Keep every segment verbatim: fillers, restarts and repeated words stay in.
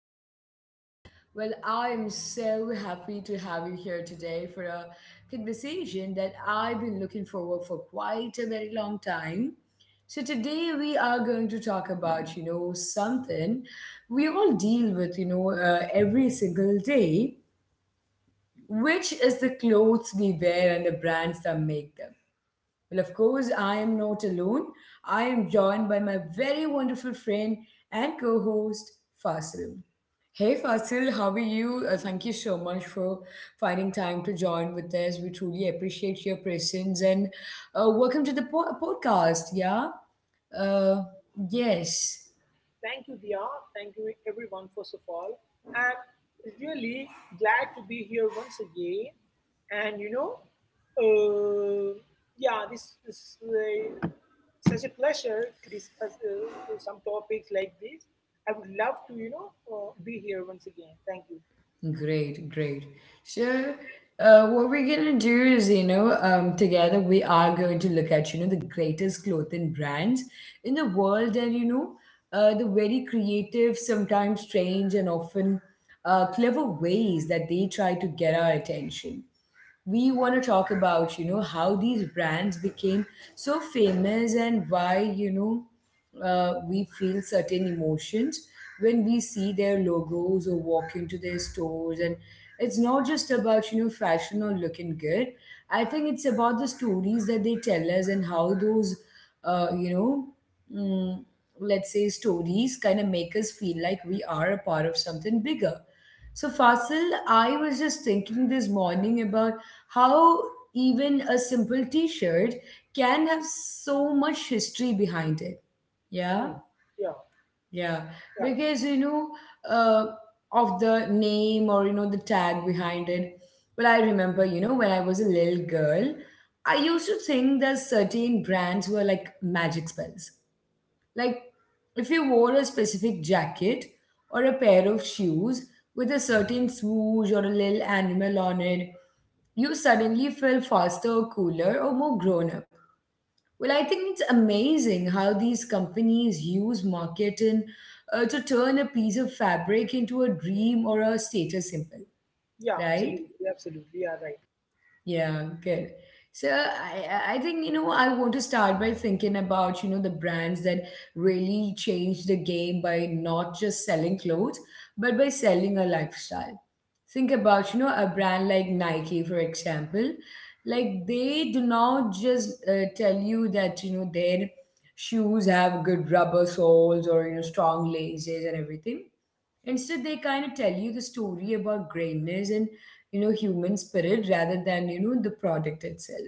our podcast. Well, I am so happy to have you here today for a conversation that I've been looking forward for quite a very long time. So today we are going to talk about, you know, something we all deal with, you know, uh, every single day, which is the clothes we wear and the brands that make them. Well, of course, I am not alone. I am joined by my very wonderful friend and co host, Fasil. Hey, Fasil, how are you? Uh, thank you so much for finding time to join with us. We truly appreciate your presence, and uh, welcome to the po- podcast. Yeah? Uh, yes. Thank you, Dia. Thank you, everyone, first of all. I'm really glad to be here once again. And you know, uh, yeah, this is uh, such a pleasure to discuss uh, some topics like this. I would love to, you know, uh, be here once again. Thank you. Great, great. So, uh, what we're gonna do is, you know, um, together we are going to look at, you know, the greatest clothing brands in the world, and, you know, uh, the very creative, sometimes strange, and often uh, clever ways that they try to get our attention. We want to talk about, you know, how these brands became so famous, and why, you know, uh, we feel certain emotions when we see their logos or walk into their stores. And it's not just about, you know, fashion or looking good. I think it's about the stories that they tell us, and how those, uh, you know, mm, let's say, stories kind of make us feel like we are a part of something bigger. So, Fasil, I was just thinking this morning about how even a simple t-shirt can have so much history behind it. Hmm. Yeah. Yeah, Yeah, yeah, because, you know, uh, of the name, or, you know, the tag behind it. Well, I remember, you know, when I was a little girl, I used to think that certain brands were like magic spells. Like, if you wore a specific jacket or a pair of shoes with a certain swoosh or a little animal on it, you suddenly feel faster, cooler, or more grown up. Well, I think it's amazing how these companies use marketing, uh, to turn a piece of fabric into a dream or a status symbol, yeah, right? absolutely, absolutely. Yeah, right. Yeah, good. So I I I think, you know, I want to start by thinking about, you know, the brands that really changed the game by not just selling clothes but by selling a lifestyle. Think about, you know, a brand like Nike, for example. Like, they do not just uh, tell you that, you know, their shoes have good rubber soles, or, you know, strong laces and everything. Instead, they kind of tell you the story about greatness and, you know, human spirit rather than, you know, the product itself.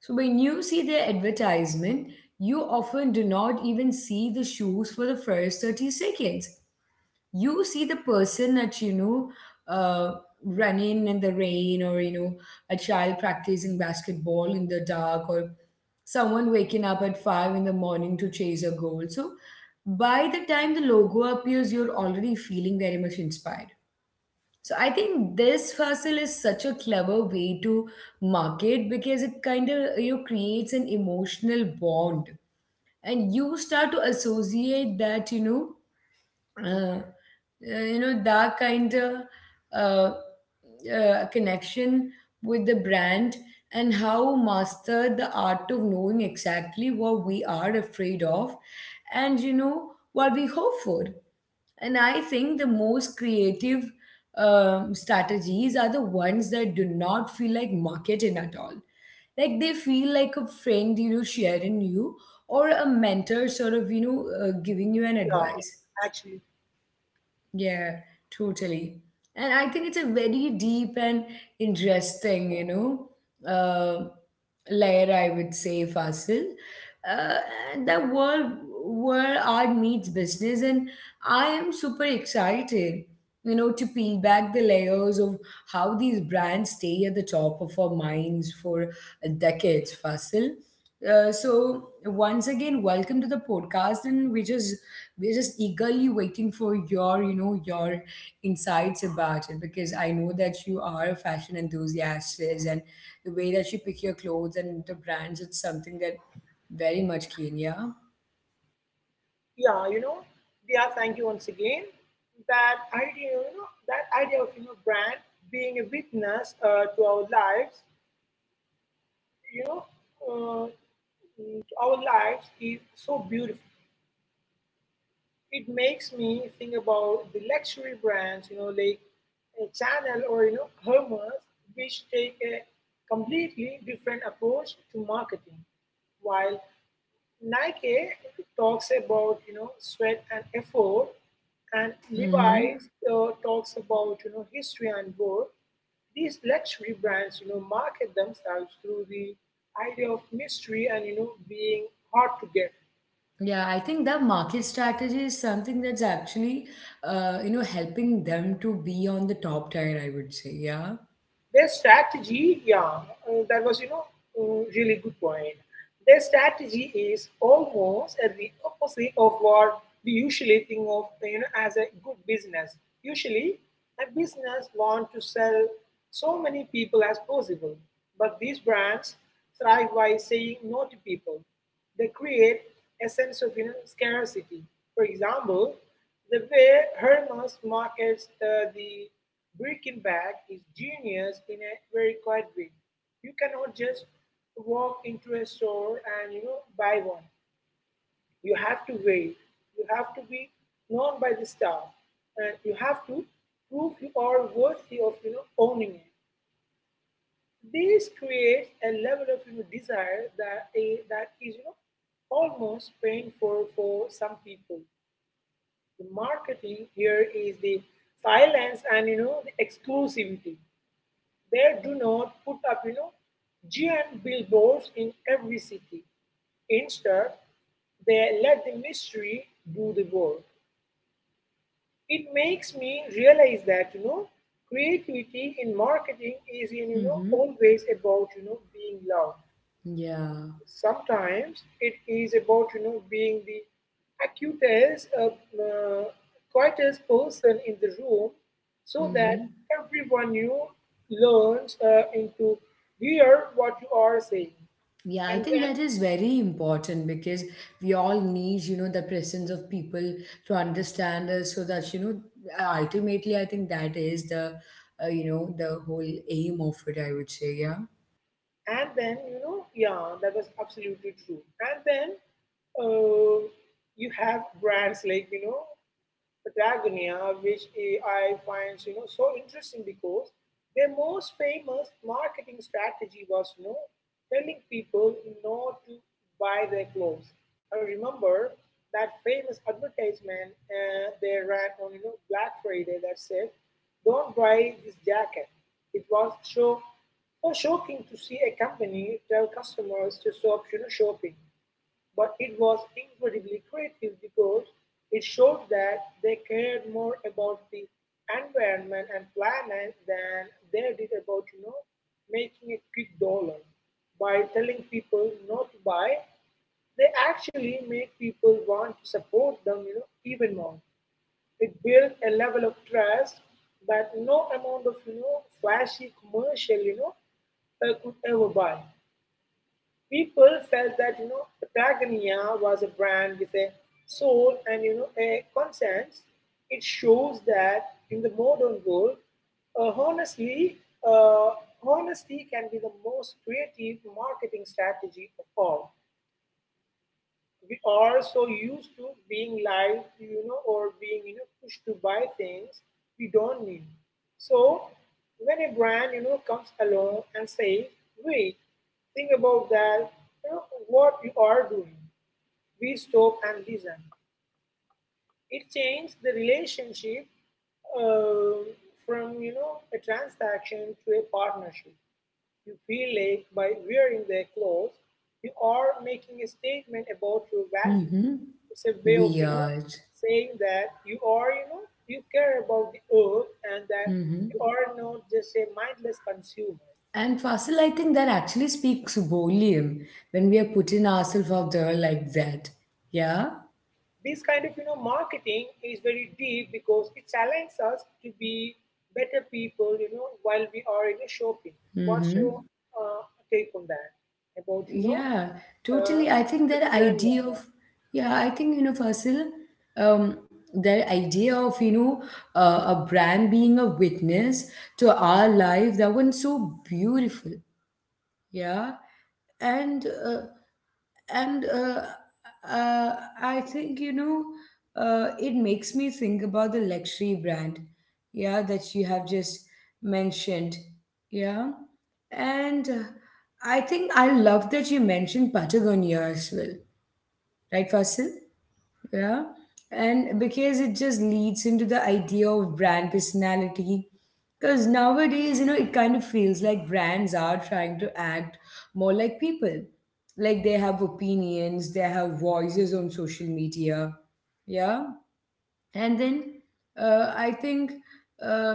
So when you see their advertisement, you often do not even see the shoes for the first thirty seconds. You see the person that, you know, uh, running in the rain, or, you know, a child practicing basketball in the dark, or someone waking up at five in the morning to chase a goal. So by the time the logo appears, you're already feeling very much inspired. So I think this hustle is such a clever way to market, because it kind of, you know, creates an emotional bond, and you start to associate that, you know, uh, uh, you know, that kind of uh, uh, connection with the brand. And how master the art of knowing exactly what we are afraid of, and, you know, what we hope for. And I think the most creative um, strategies are the ones that do not feel like marketing at all. Like, they feel like a friend, you know, sharing you, or a mentor sort of, you know, uh, giving you an Yeah, advice. actually, Yeah, totally. And I think it's a very deep and interesting, you know, uh, layer, I would say, Fasil. Uh, and the world where art meets business, and I am super excited, you know, to peel back the layers of how these brands stay at the top of our minds for decades, Fasil. Uh, so once again, welcome to the podcast, and we just we're just eagerly waiting for your, you know, your insights about it, because I know that you are a fashion enthusiast, and the way that you pick your clothes and the brands, it's something that very much keen. Yeah. yeah, you know, yeah, thank you once again. That idea, you know, that idea of you know brand being a witness uh, to our lives, you know, uh, mm, to our lives is so beautiful. It makes me think about the luxury brands, you know, like a Chanel or you know Hermes, which take a completely different approach to marketing. While Nike talks about you know sweat and effort, and Hmm. Levi's uh, talks about you know history and work. These luxury brands you know market themselves through the idea of mystery and you know being hard to get. Yeah, I think that market strategy is something that's actually, uh, you know, helping them to be on the top tier, I would say. Yeah. Their strategy, yeah, uh, that was, you know, uh, really good point. Their strategy is almost at the opposite of what we usually think of, you know, as a good business. Usually, a business want to sell so many people as possible, but these brands thrive by saying no to people. They create a sense of, you know, scarcity. For example, the way Hermes markets the the Birkenbag is genius in a very quiet way. You cannot just walk into a store and you know buy one. You have to wait. You have to be known by the staff, and you have to prove you are worthy of you know owning it. This creates a level of, you know, desire that a that is you know almost painful for some people. The marketing here is the silence and you know the exclusivity. They do not put up you know giant billboards in every city. Instead, they let the mystery do the work. It makes me realize that you know creativity in marketing is you know Mm-hmm. always about you know being loud. Yeah. Sometimes it is about you know being the acutest, uh, uh, quietest person in the room, so Mm-hmm. that everyone you learns uh, into hear what you are saying, Yeah, I and think then, that is very important, because we all need, you know, the presence of people to understand us, so that, you know, ultimately, I think that is the, uh, you know, the whole aim of it, I would say. Yeah. and then you know yeah, that was absolutely true. And then, uh, you have brands like you know Patagonia, which eh, I find you know so interesting because their most famous marketing strategy was you know telling people not to buy their clothes. I remember that famous advertisement uh, they ran on you know Black Friday that said, "Don't buy this jacket." It was so so shocking to see a company tell customers to stop you know shopping, but it was incredibly creative because it showed that they cared more about the environment and planet than they did about, you know, making a quick dollar. By telling people not to buy, they actually made people want to support them, you know, even more. It built a level of trust that no amount of, you know, flashy commercial, you know, uh, could ever buy. People felt that you know Patagonia was a brand with a soul and you know a conscience. It shows that in the modern world, uh, honestly, uh, honesty can be the most creative marketing strategy of all. We are so used to being lied to, you know, or being, you know, pushed to buy things we don't need. So when a brand, you know, comes along and says, wait, think about that, you know, what you are doing, we stop and listen. It changed the relationship um from, you know, a transaction to a partnership. You feel like by wearing their clothes, you are making a statement about your value. Mm-hmm. It's a way of, you know, Weird. saying that you are, you know, you care about the earth and that Mm-hmm. you are not just a mindless consumer. And Fasil, I think that actually speaks volume when we are putting ourselves out there like that. Yeah. This kind of, you know, marketing is very deep because it challenges us to be better people, you know, while we are, you know, shopping. What's Mm-hmm. your uh, take on that, about, you know, Yeah, uh, totally. I think the that Britannia? idea of, yeah, I think, you know, Fasil, um, that idea of, you know, uh, a brand being a witness to our life, that one's so beautiful. Yeah. And uh, and uh, uh, I think, you know, uh, it makes me think about the luxury brand, yeah, that you have just mentioned, yeah, and uh, I think I love that you mentioned Patagonia as well, right, Fasil? Yeah. And because it just leads into the idea of brand personality. Because nowadays, you know, it kind of feels like brands are trying to act more like people. Like, they have opinions, they have voices on social media. Yeah. And then uh, I think uh,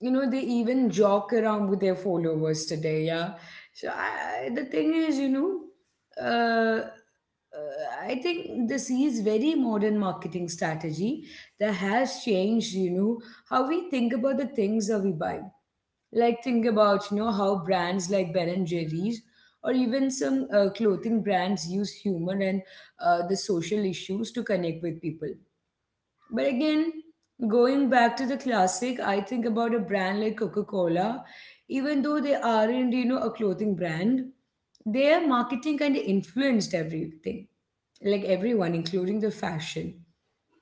you know, they even joke around with their followers today. Yeah. So I, I- the thing is, you know, uh, uh, I think this is very modern marketing strategy that has changed, you know, how we think about the things that we buy. Like, think about, you know, how brands like Ben and Jerry's or even some uh, clothing brands use humor and uh, the social issues to connect with people. But again, going back to the classic, I think about a brand like Coca Cola. Even though they aren't, you know, a clothing brand, their marketing kind of influenced everything, like everyone, including the fashion,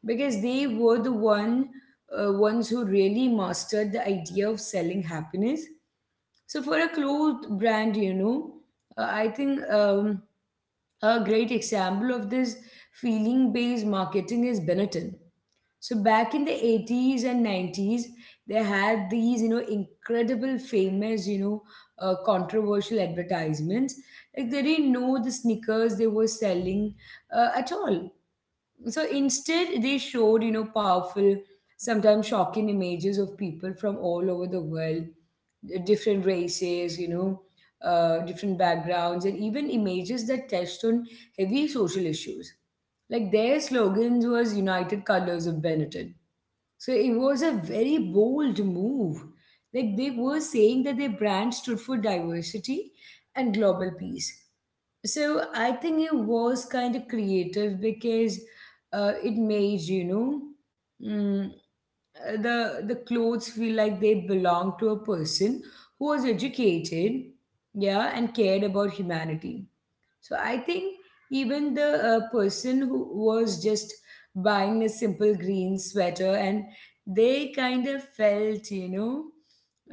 because they were the one uh, ones who really mastered the idea of selling happiness. So for a cloth brand, you know, uh, I think um, a great example of this feeling-based marketing is Benetton. So back in the eighties and nineties, they had these, you know, incredible famous, you know, uh, controversial advertisements. Like, they didn't know the sneakers they were selling uh, at all. So instead, they showed, you know, powerful, sometimes shocking images of people from all over the world, uh, different races, you know, uh, different backgrounds, and even images that touched on heavy social issues. Like, their slogans was United Colors of Benetton, so it was a very bold move. Like, they were saying that their brand stood for diversity and global peace. So I think it was kind of creative, because uh, it made, you know, mm, the the clothes feel like they belong to a person who was educated, yeah, and cared about humanity. So I think even the uh, person who was just buying a simple green sweater, and they kind of felt, you know,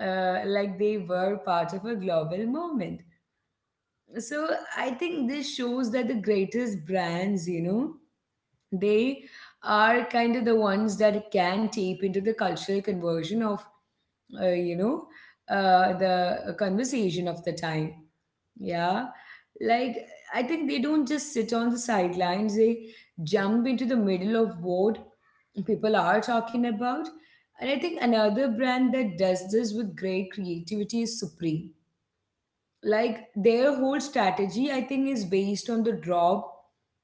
uh, like they were part of a global movement. So I think this shows that the greatest brands, you know, they are kind of the ones that can tap into the cultural conversion of, uh, you know, uh, the conversation of the time. Yeah. Like, I think they don't just sit on the sidelines, they jump into the middle of what people are talking about. And I think another brand that does this with great creativity is Supreme. Like, their whole strategy, I think, is based on the drop,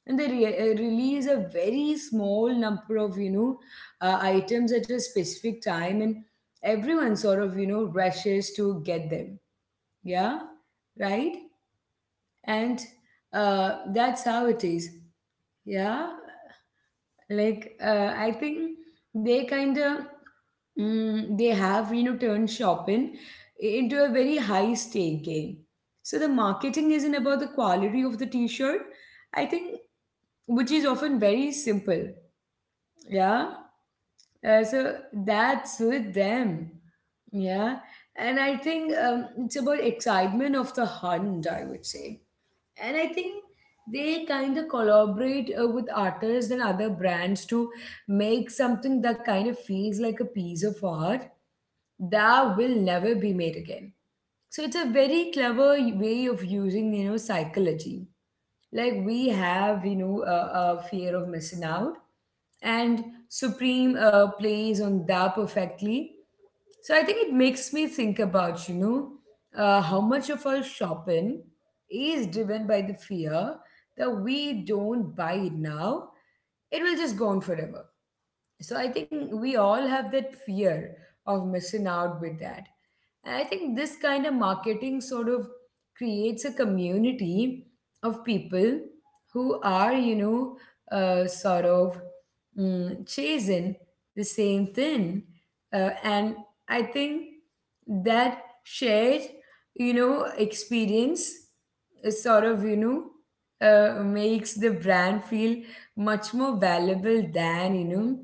and they re- uh, release a very small number of, you know, uh, items at a specific time, and everyone sort of, you know, rushes to get them. Yeah, right. And uh, that's how it is. Yeah. Like, uh, I think they kind of, mm, they have, you know, turned shopping into a very high stake game. So the marketing isn't about the quality of the t-shirt, I think, which is often very simple. Yeah. Uh, so that's with them. Yeah. And I think, um, it's about excitement of the hunt, I would say. And I think they kind of collaborate uh, with artists and other brands to make something that kind of feels like a piece of art that will never be made again. So it's a very clever way of using, you know, psychology. Like, we have, you know, a, a fear of missing out, and Supreme uh, plays on that perfectly. So I think it makes me think about, you know, uh, how much of our shopping is driven by the fear that we don't buy it now, it will just go on forever. So I think we all have that fear of missing out with that. And I think this kind of marketing sort of creates a community of people who are, you know, uh, sort of mm, chasing the same thing. Uh, and I think that shared, you know, experience is sort of, you know, uh, makes the brand feel much more valuable than, you know,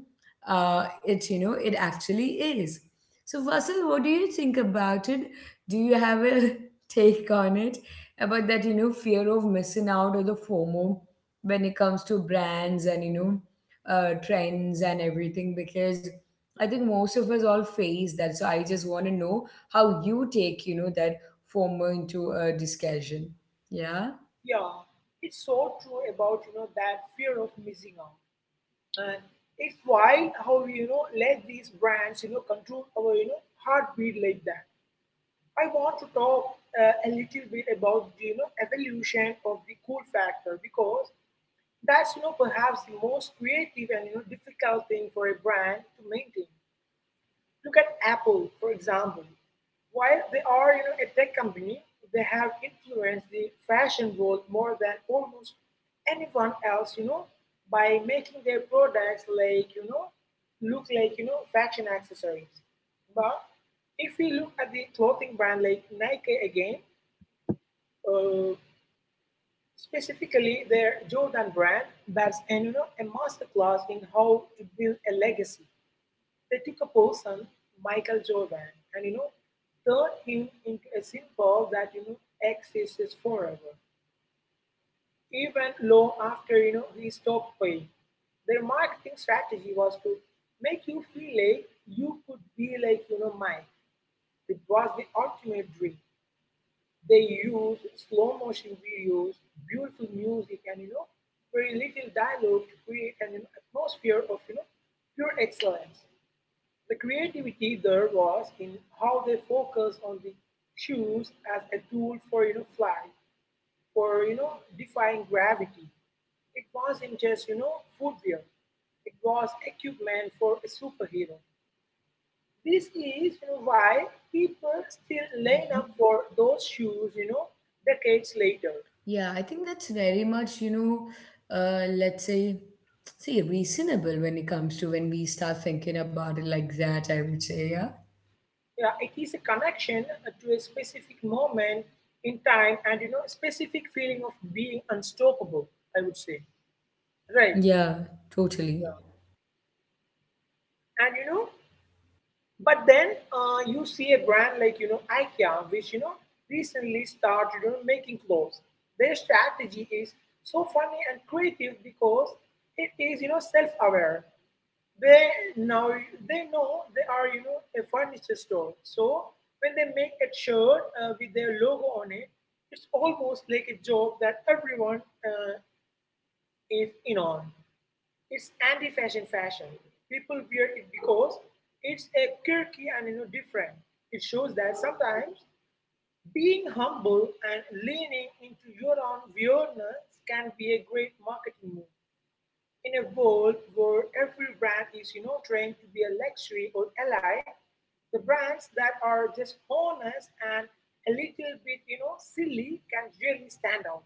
uh, it you know it actually is. So Vasil, what do you think about it? Do you have a take on it about that you know fear of missing out or the FOMO when it comes to brands and you know uh, trends and everything? Because I think most of us all face that. So I just want to know how you take you know that FOMO into a discussion. Yeah. Yeah, it's so true about you know that fear of missing out, and it's wild how we you know let these brands you know control our you know heartbeat like that. I want to talk uh, a little bit about the, you know evolution of the cool factor because that's you know perhaps the most creative and you know difficult thing for a brand to maintain. Look at Apple, for example. While they are you know, a tech company, they have influenced the fashion world more than almost anyone else, you know, by making their products like, you know, look like, you know, fashion accessories. But if we look at the clothing brand like Nike again, uh, specifically their Jordan brand, that's an, you know, a masterclass in how to build a legacy. They took a person, Michael Jordan, and you know, turned him into a symbol that you know exists forever, even long after you know he stopped playing. Their marketing strategy was to make you feel like you could be like you know Mike. It was the ultimate dream. They used slow motion videos, beautiful music, and you know very little dialogue to create an atmosphere of you know pure excellence. The creativity there was in how they focused on the shoes as a tool for you know flight, for you know defying gravity. It wasn't just you know footwear; it was equipment for a superhero. This is you know, why people still line up for those shoes, you know, decades later. Yeah, I think that's very much, you know, uh, let's say, see, reasonable when it comes to when we start thinking about it like that, I would say, yeah. Yeah, it is a connection to a specific moment in time and you know specific feeling of being unstoppable. I would say, right? Yeah, totally. Yeah. And you know but then, uh, you see a brand like you know IKEA, which you know recently started, you know, making clothes. Their strategy is so funny and creative because it is you know self-aware. They now they know they are you know a furniture store, so when they make a shirt uh, with their logo on it, it's almost like a joke that everyone uh, is in on. It's anti-fashion fashion. People wear it because it's a quirky and you know different. It shows that sometimes being humble and leaning into your own weirdness can be a great marketing move. In a world where every brand is you know trained to be a luxury or elite, the brands that are just honest and a little bit you know silly can really stand out.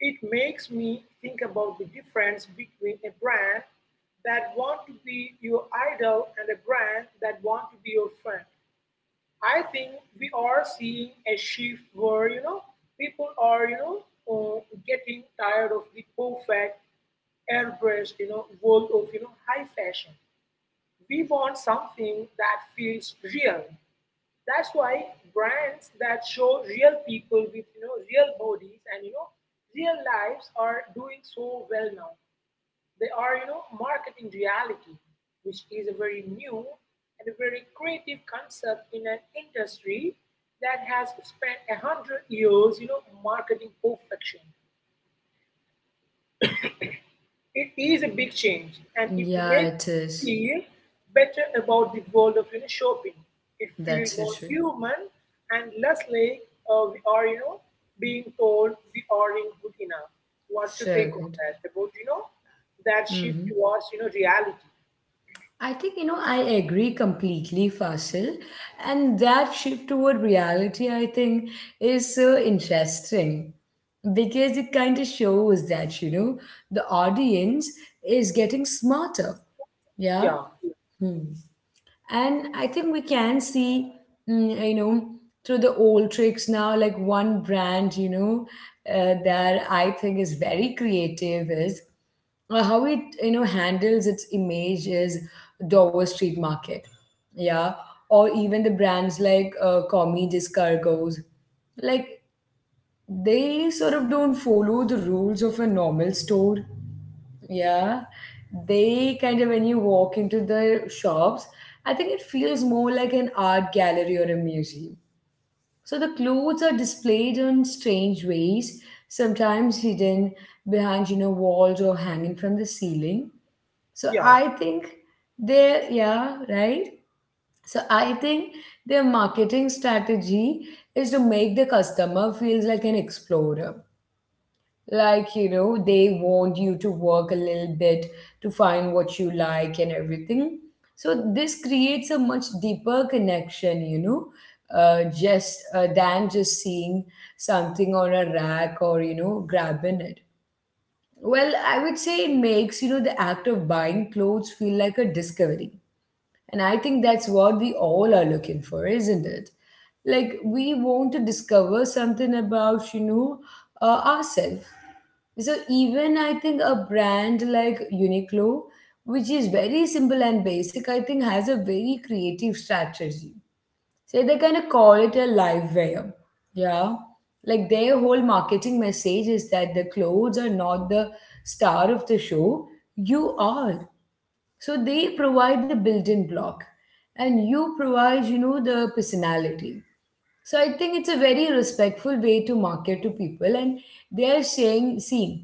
It makes me think about the difference between a brand that want to be your idol and a brand that want to be your friend. I think we are seeing a shift where you know people are you know uh, getting tired of the perfect airbrushed you know world of you know high fashion. We want something that feels real. That's why brands that show real people with you know real bodies and you know real lives are doing so well now. They are you know marketing reality, which is a very new and a very creative concept in an industry that has spent a hundred years you know marketing perfection. It is a big change and it Yeah, makes it is. feel better about the world of, you know, shopping. It feels That's so more true. human and less like uh, we are, you know, being told we aren't good enough. What's your So take on good. that? About, you know, that shift Mm-hmm. towards, you know, reality. I think, you know, I agree completely, Fasil. And that shift toward reality, I think, is so interesting because it kind of shows that, you know, the audience is getting smarter. Yeah, Yeah. Hmm. And I think we can see, mm, you know, through the old tricks now, like one brand, you know, uh, that I think is very creative is uh, how it, you know, handles its image is Dover Street Market. Yeah. Or even the brands like uh, Comi Descargos. Like they sort of don't follow the rules of a normal store. Yeah, they kind of when you walk into the shops, I think it feels more like an art gallery or a museum. So the clothes are displayed in strange ways, sometimes hidden behind, you know, walls or hanging from the ceiling. So yeah, I think they're, yeah, right? So I think their marketing strategy is to make the customer feels like an explorer like you know they want you to work a little bit to find what you like and everything, so this creates a much deeper connection, you know uh, just uh, than just seeing something on a rack or you know grabbing it. Well, I would say it makes you know the act of buying clothes feel like a discovery. And I think that's what we all are looking for, isn't it? Like we want to discover something about, you know, uh, ourselves. So even I think a brand like Uniqlo, which is very simple and basic, I think has a very creative strategy. So they kind of call it a live wear. Yeah. Like their whole marketing message is that the clothes are not the star of the show. You are. So they provide the building block and you provide, you know, the personality. So I think it's a very respectful way to market to people, and they are saying, see,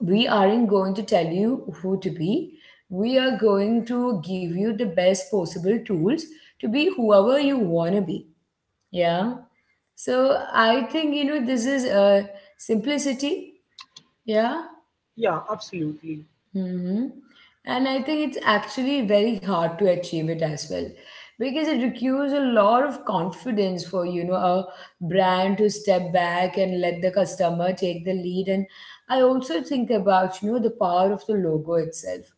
we aren't going to tell you who to be. We are going to give you the best possible tools to be whoever you want to be. Yeah. So I think, you know, this is a simplicity. Yeah. yeah, absolutely. Hmm. And I think it's actually very hard to achieve it as well because it requires a lot of confidence for you know a brand to step back and let the customer take the lead. And I also think about you know the power of the logo itself.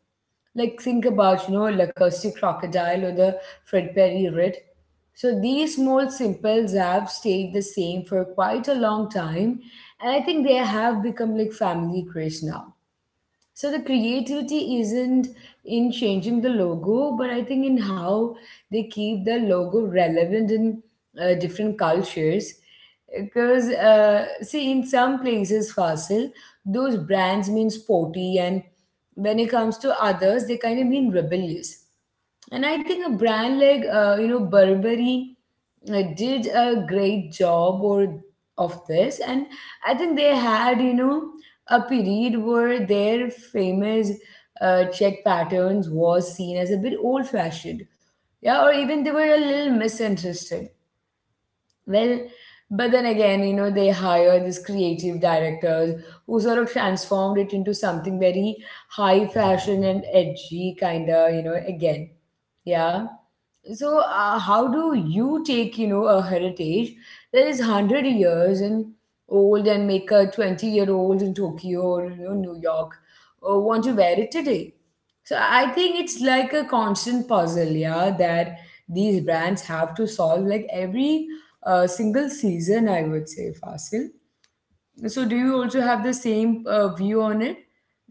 Like think about you know Lacoste crocodile or the Fred Perry red. So these small simples have stayed the same for quite a long time, and I think they have become like family craze now, so the creativity isn't in changing the logo, but I think in how they keep the logo relevant in uh, different cultures. Because uh, see, in some places, Fasil, those brands mean sporty, and when it comes to others, they kind of mean rebellious. And I think a brand like uh, you know Burberry uh, did a great job or of this, and I think they had you know a period where their famous uh, check patterns was seen as a bit old fashioned, yeah, or even they were a little misinterested, well, but then again, you know they hired these creative directors who sort of transformed it into something very high fashion and edgy kind of, you know again, yeah. So, uh, how do you take, you know, a heritage that is one hundred years and old, and make a twenty-year-old in Tokyo or, you know, New York uh, want to wear it today? So, I think it's like a constant puzzle, yeah, that these brands have to solve like every uh, single season, I would say, Fasil. So, do you also have the same uh, view on it?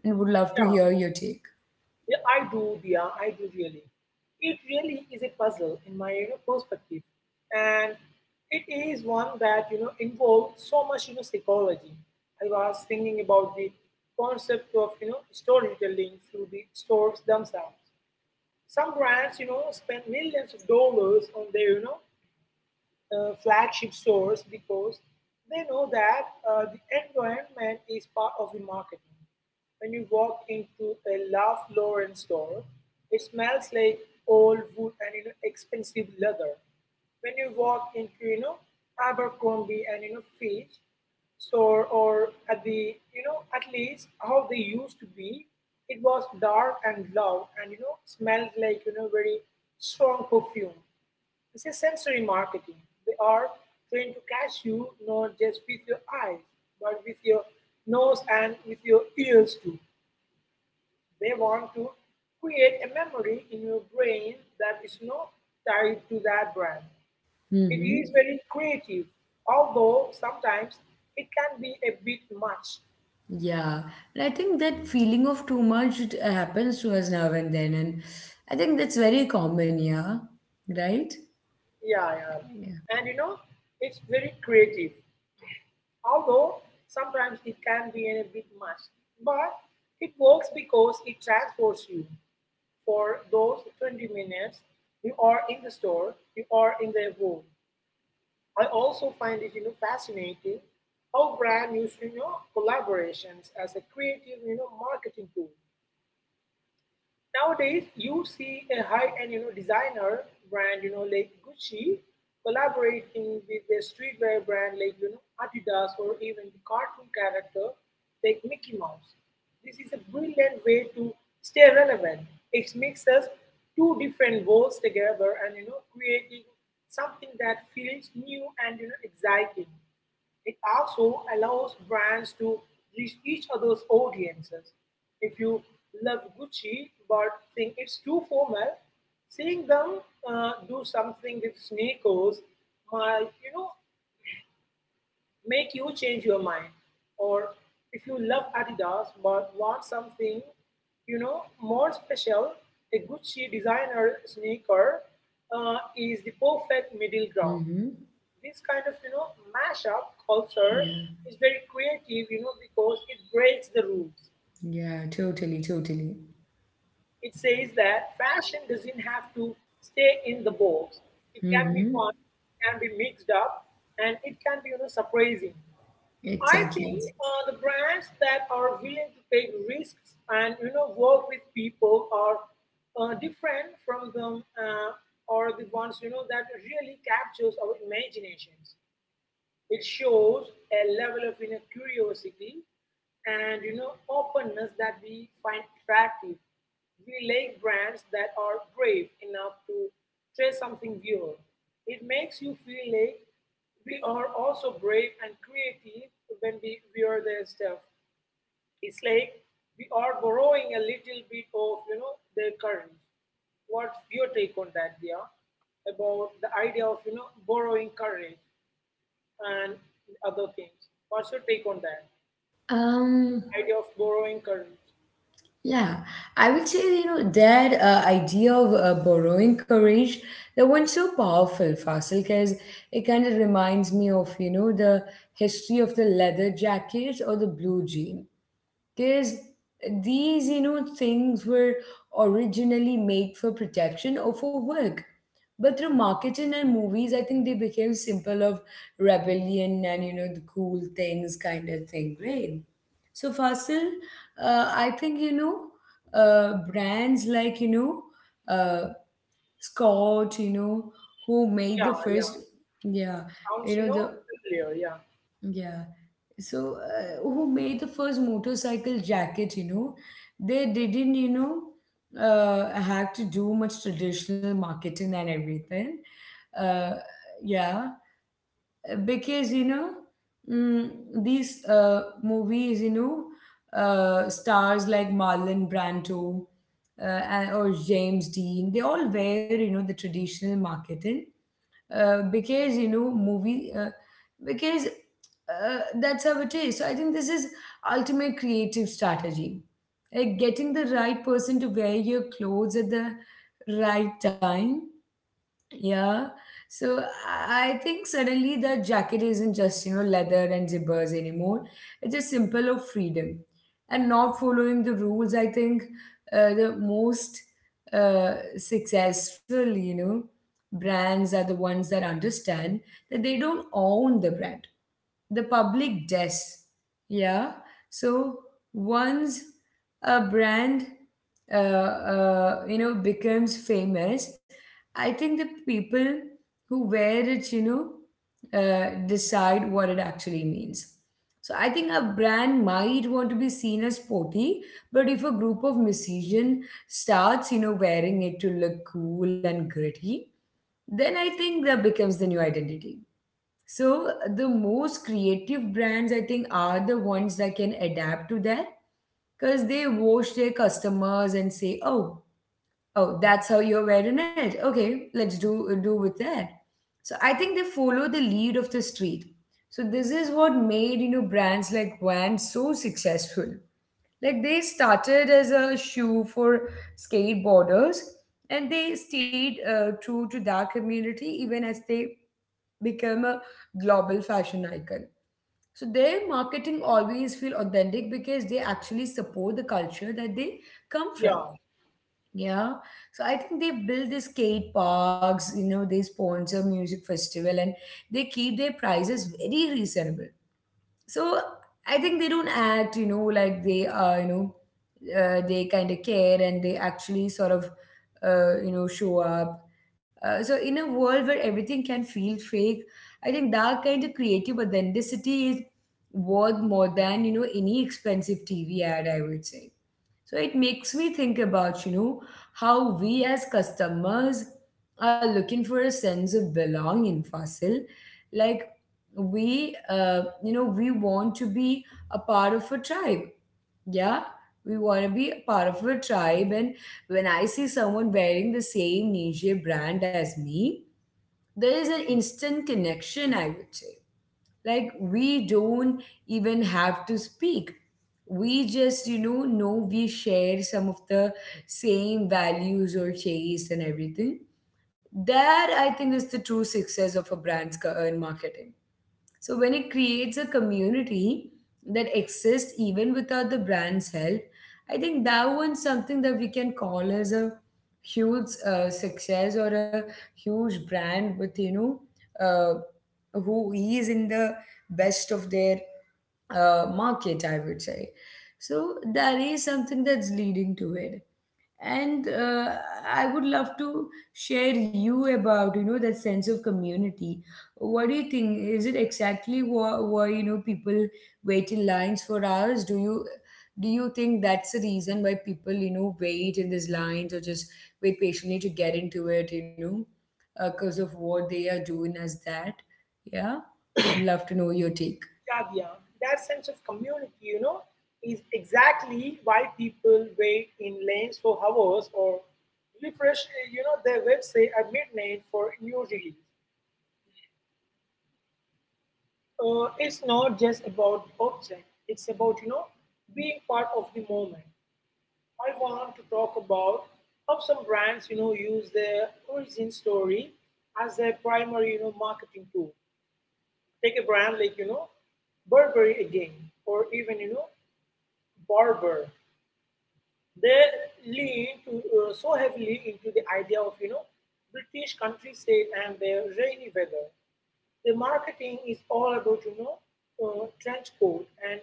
And would love to hear your take. Yeah, I do, Dia. I do really. It really is a puzzle in my, you know, perspective, and it is one that you know involves so much you know psychology. I was thinking about the concept of you know storytelling through the stores themselves. Some brands, you know, spend millions of dollars on their you know uh, flagship stores because they know that uh, the environment is part of the marketing. When you walk into a Ralph Lauren store, it smells like old wood and you know expensive leather. When you walk into you know Abercrombie and you know Fitch store, or at the you know at least how they used to be, it was dark and loud and you know smelled like you know very strong perfume. It's a sensory marketing. They are trying to catch you not just with your eyes, but with your nose and with your ears too. They want to create a memory in your brain that is not tied to that brand. It is Mm-hmm. very creative, although sometimes it can be a bit much. Yeah, and I think that feeling of too much it happens to us now and then, and I think that's very common, yeah, right? Yeah, Yeah. yeah. And you know, it's very creative, although sometimes it can be a bit much. But it works because it transports you. For those twenty minutes you are in the store, you are in their room. I also find it you know fascinating how brand use you know collaborations as a creative you know marketing tool. Nowadays, you see a high-end, you know, designer brand, you know, like Gucci, collaborating with a streetwear brand like, you know, Adidas, or even the cartoon character like Mickey Mouse. This is a brilliant way to stay relevant. It mixes two different worlds together and, you know, creating something that feels new and, you know, exciting. It also allows brands to reach each other's audiences. If you love Gucci but think it's too formal, seeing them uh, do something with sneakers might, you know, make you change your mind. Or if you love Adidas but want something, you know, more special, a Gucci designer sneaker uh, is the perfect middle ground. Mm-hmm. This kind of you know mashup culture Yeah. is very creative, you know because it breaks the rules. Yeah, totally, totally. It says that fashion doesn't have to stay in the box. It can be fun, Mm-hmm. it can be mixed up, and it can be you know surprising. I think Exactly. uh, the brands that are willing to take risks and you know work with people are uh, different from them, uh, or the ones you know that really captures our imaginations. It shows a level of inner curiosity and you know openness that we find attractive. We like brands that are brave enough to try something weird. It makes you feel like we are also brave and creative when we wear their stuff. It's like we are borrowing a little bit of you know their courage. What's your take on that, Dia? About the idea of you know borrowing courage? And other things. What's your take on that? Um, Idea of borrowing current. yeah, I would say, you know, that uh, idea of uh, borrowing courage, that one's so powerful, Fasil, because it kind of reminds me of, you know, the history of the leather jacket or the blue jean, because these you know things were originally made for protection or for work, but through marketing and movies, I think they became symbol of rebellion and you know the cool things kind of thing, right? So Fasil, uh, I think you know uh, brands like you know uh, Scott, you know, who made Yeah, the first, yeah. yeah, Sounds, you you know, know, the familiar. Yeah, yeah. So, uh, who made the first motorcycle jacket, you know? They didn't, you know, uh, have to do much traditional marketing and everything. Uh, yeah. Because, you know, mm, these uh, movies, you know, uh, stars like Marlon Brando uh, and- or James Dean, they all wear, you know, the traditional marketing, uh, because you know movie uh, because uh, that's how it is. So I think this is ultimate creative strategy, like getting the right person to wear your clothes at the right time. Yeah. So I I think suddenly the jacket isn't just, you know, leather and zippers anymore. It's a symbol of freedom. And not following the rules, I think uh, the most uh, successful, you know, brands are the ones that understand that they don't own the brand. The public does. Yeah. So once a brand uh, uh, you know becomes famous, I think the people who wear it, you know, uh, decide what it actually means. So I think a brand might want to be seen as sporty, but if a group of musicians starts, you know, wearing it to look cool and gritty, then I think that becomes the new identity. So the most creative brands, I think, are the ones that can adapt to that, because they watch their customers and say, oh, oh, that's how you're wearing it. Okay, let's do do with that. So I think they follow the lead of the street. So this is what made you know brands like Vans so successful. Like they started as a shoe for skateboarders, and they stayed uh, true to that community even as they become a global fashion icon. So their marketing always feel authentic because they actually support the culture that they come yeah, from. Yeah. So I think they build these skate parks, you know, they sponsor music festival, and they keep their prices very reasonable. So I think they don't act, you know, like they are, you know, uh, they kind of care and they actually sort of, uh, you know, show up. Uh, so in a world where everything can feel fake, I think that kind of creative authenticity is worth more than, you know, any expensive T V ad, I would say. So it makes me think about, you know, how we as customers are looking for a sense of belonging, Fasil. Like we, uh, you know, we want to be a part of a tribe. Yeah, we want to be a part of a tribe. And when I see someone wearing the same niche brand as me, there is an instant connection, I would say, like, we don't even have to speak. We just, you know, know we share some of the same values or taste and everything. That, I think, is the true success of a brand's ca- uh, in marketing. So when it creates a community that exists even without the brand's help, I think that one's something that we can call as a huge uh, success or a huge brand with you know uh, who is in the best of their uh, market. I would say. So that is something that's leading to it and uh, I would love to share you about you know that sense of community. What do you think, is it exactly why, why you know people wait in lines for hours? Do you do you think that's the reason why people, you know, wait in these lines, or just wait patiently to get into it, you know, because of what they are doing as that? Yeah, would love to know your take. yeah, yeah. That sense of community, you know, is exactly why people wait in lanes for hours or refresh, uh, you know, their website at midnight for new release. Uh, it's not just about object. It's about, you know, being part of the moment. I want to talk about how some brands, you know, use their origin story as their primary, you know, marketing tool. Take a brand like, you know, Burberry again, or even, you know, Barber. They lean to, uh, so heavily into the idea of, you know, British countryside and their rainy weather. The marketing is all about, you know, uh, trench coat and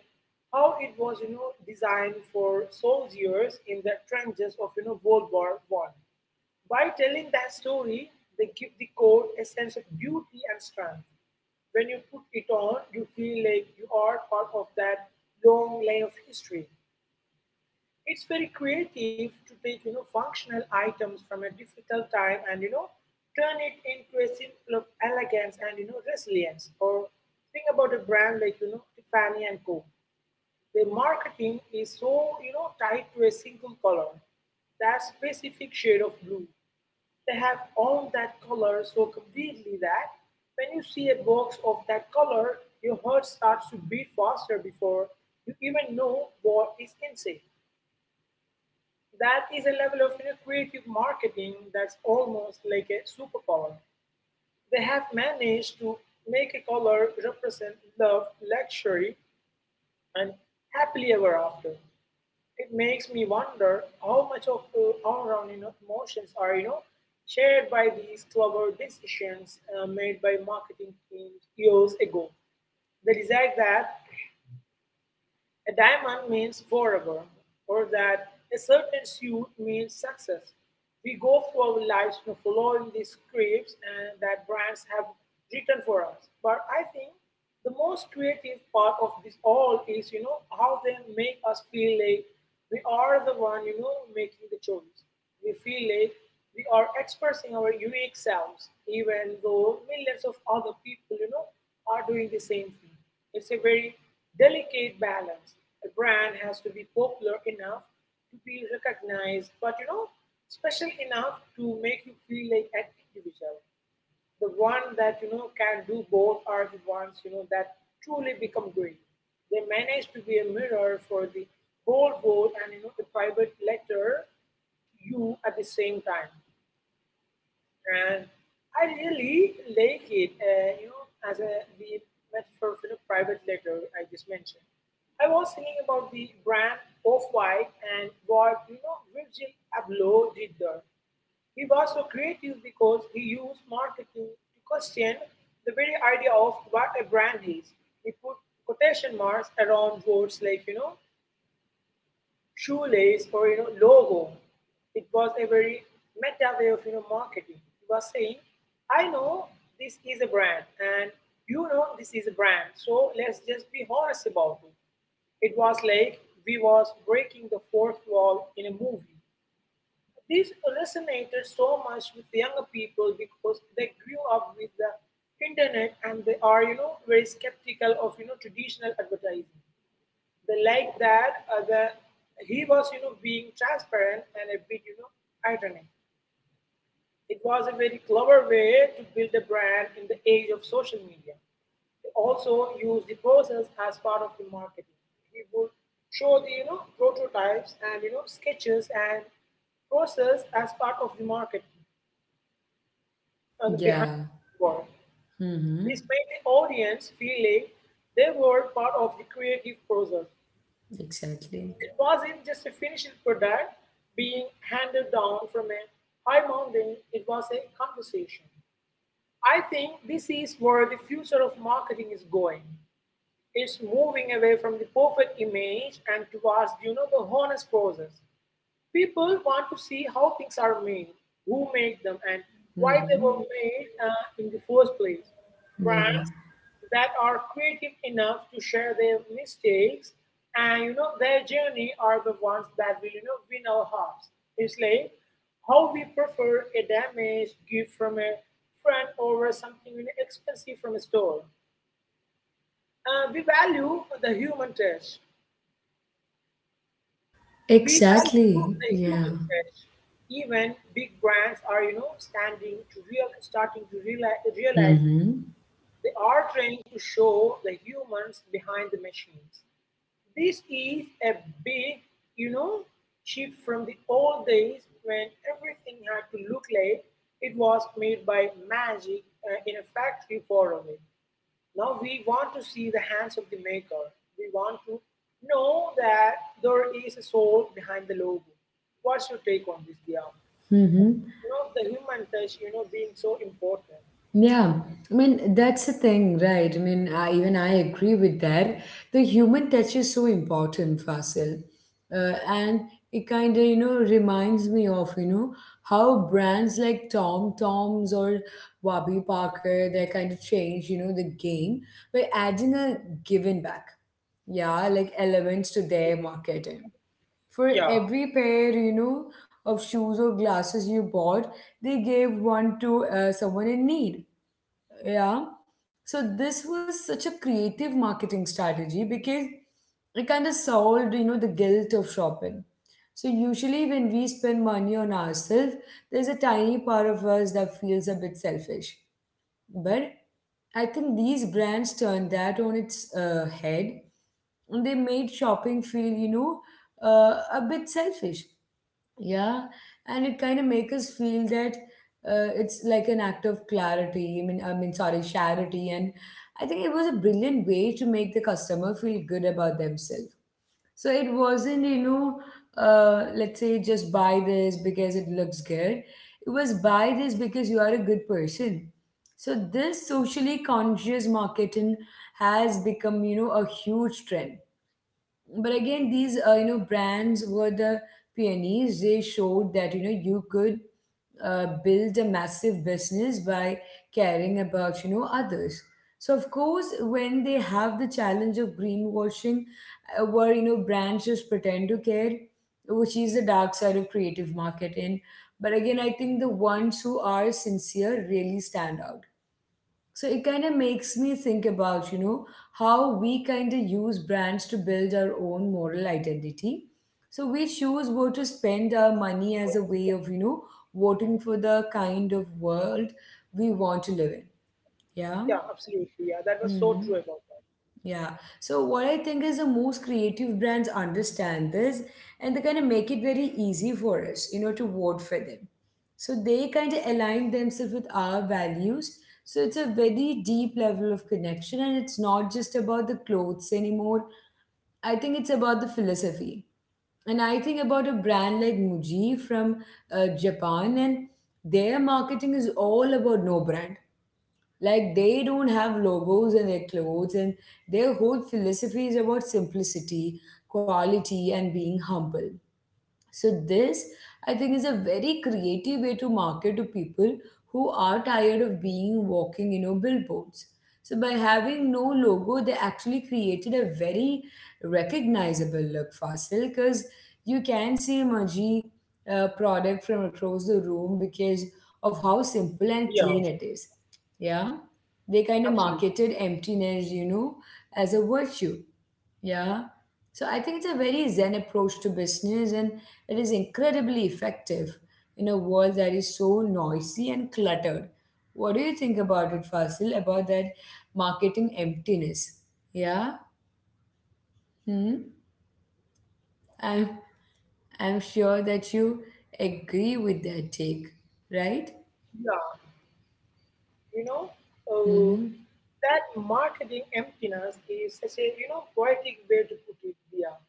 how it was, you know, designed for soldiers in the trenches of, you know, World War One. By telling that story, they give the coat a sense of beauty and strength. When you put it on, you feel like you are part of that long line of history. It's very creative to take you know functional items from a difficult time and you know turn it into a symbol of elegance and you know resilience. Or think about a brand like you know Tiffany and Co. Their marketing is so you know tied to a single color, that specific shade of blue. They have all that color so completely that when you see a box of that color, your heart starts to beat faster before you even know what is inside. That is a level of you know, creative marketing that's almost like a superpower. They have managed to make a color represent love, luxury, and happily ever after. It makes me wonder how much of uh, our own, you know, emotions are you know shared by these clever decisions uh, made by marketing teams years ago. The desire that a diamond means forever, or that a certain suit means success. We go through our lives, you know, following these scripts and that brands have written for us. But I think the most creative part of this all is, you know, how they make us feel like we are the one, you know, making the choice. We feel like we are expressing our unique selves, even though millions of other people, you know, are doing the same thing. It's a very delicate balance. A brand has to be popular enough to be recognized, but, you know, special enough to make you feel like an individual. The one that you know can do both are the ones you know that truly become great. They manage to be a mirror for the whole world and, you know, a private letter to you at the same time. And I really like it, uh, you know, as a we met for, you know, private letter I just mentioned. I was thinking about the brand Off White and what, you know Virgil Abloh did there. He was so creative because he used marketing to question the very idea of what a brand is. He put quotation marks around words like, you know shoelace, or, you know logo. It was a very meta way of you know marketing. It was saying, I know this is a brand, and you know this is a brand, so let's just be honest about it. It was like we was breaking the fourth wall in a movie. This resonated so much with younger people because they grew up with the internet, and they are, you know very skeptical of you know traditional advertising. They like that, uh, the he was, you know being transparent and a bit, you know ironic. It was a very clever way to build a brand in the age of social media. They also used the process as part of the marketing. He would show the, you know prototypes and, you know sketches and process as part of the marketing, and the behind Yeah. the work. Mm-hmm. This made the audience feel like they were part of the creative process. Exactly. It wasn't just a finished product being handed down from a high mountain, it was a conversation. I think this is where the future of marketing is going. It's moving away from the perfect image and towards, you know the honest process. People want to see how things are made, who made them, and why they Mm-hmm. were made, uh, in the first place. Yeah. Brands that are creative enough to share their mistakes and, you know their journey are the ones that will, you know win our hearts. It's like how we prefer a damaged gift from a friend over something, you know, expensive from a store. Uh, we value the human touch. We value Exactly. the Yeah. human touch. Even big brands are, you know, standing to real, starting to realize, realize Mm-hmm. they are trying to show the humans behind the machines. This is a big, you know, shift from the old days when everything had to look like it was made by magic uh, in a factory far away. Now we want to see the hands of the maker. We want to know that there is a soul behind the logo. What's your take on this, Dia? Mm-hmm. You know, the human touch, you know, being so important. Yeah, I mean, that's the thing, right? I mean, I, even I agree with that. The human touch is so important, Fasil. Uh, and it kind of, you know, reminds me of, you know, how brands like Tom Tom's or Wabi Parker, they kind of change, you know, the game by adding a giving back. Yeah, like elements to their marketing. Yeah, For every pair, you know, of shoes or glasses you bought, they gave one to uh, someone in need. Yeah. So this was such a creative marketing strategy because it kind of solved, you know, the guilt of shopping. So usually when we spend money on ourselves, there's a tiny part of us that feels a bit selfish. But I think these brands turned that on its uh, head. And they made shopping feel, you know, uh, a bit selfish. Yeah. And it kind of make us feel that uh, it's like an act of clarity. I mean, I mean, sorry, charity. And I think it was a brilliant way to make the customer feel good about themselves. So it wasn't, you know, uh, let's say, just buy this because it looks good. It was, buy this because you are a good person. So this socially conscious marketing has become, you know, a huge trend. But again, these, uh, you know, brands were the pioneers. They showed that, you know, you could uh, build a massive business by caring about, you know, others. So of course when they have the challenge of greenwashing, uh, where, you know, brands just pretend to care, which is the dark side of creative marketing. But again, I think the ones who are sincere really stand out. So it kind of makes me think about, you know, how we kind of use brands to build our own moral identity. So we choose where to spend our money as a way of, you know, voting for the kind of world we want to live in. Yeah. yeah, absolutely. Yeah, that was Hmm. so true about that. Yeah. So what I think is, the most creative brands understand this, and they kind of make it very easy for us, you know, to vote for them. So they kind of align themselves with our values. So it's a very deep level of connection, and it's not just about the clothes anymore. I think it's about the philosophy. And I think about a brand like Muji from uh, Japan, and their marketing is all about no brand. Like, they don't have logos in their clothes, and their whole philosophy is about simplicity, quality, and being humble. So this, I think, is a very creative way to market to people who are tired of being walking, you know, billboards. So by having no logo, they actually created a very recognizable look, Fasil, because you can see Maji uh, product from across the room because of how Yeah, simple yes, and clean it is. Yeah, they kind absolutely. of marketed emptiness, you know, as a virtue. Yeah. So I think it's a very zen approach to business, and it is incredibly effective in a world that is so noisy and cluttered. What do you think about it, Fasil, about that marketing emptiness? Yeah? Hmm? I'm I'm sure that you agree with that take, right? Yeah, you know, uh, Mm-hmm. that marketing emptiness is such a, you know, poetic way to put it, Dia.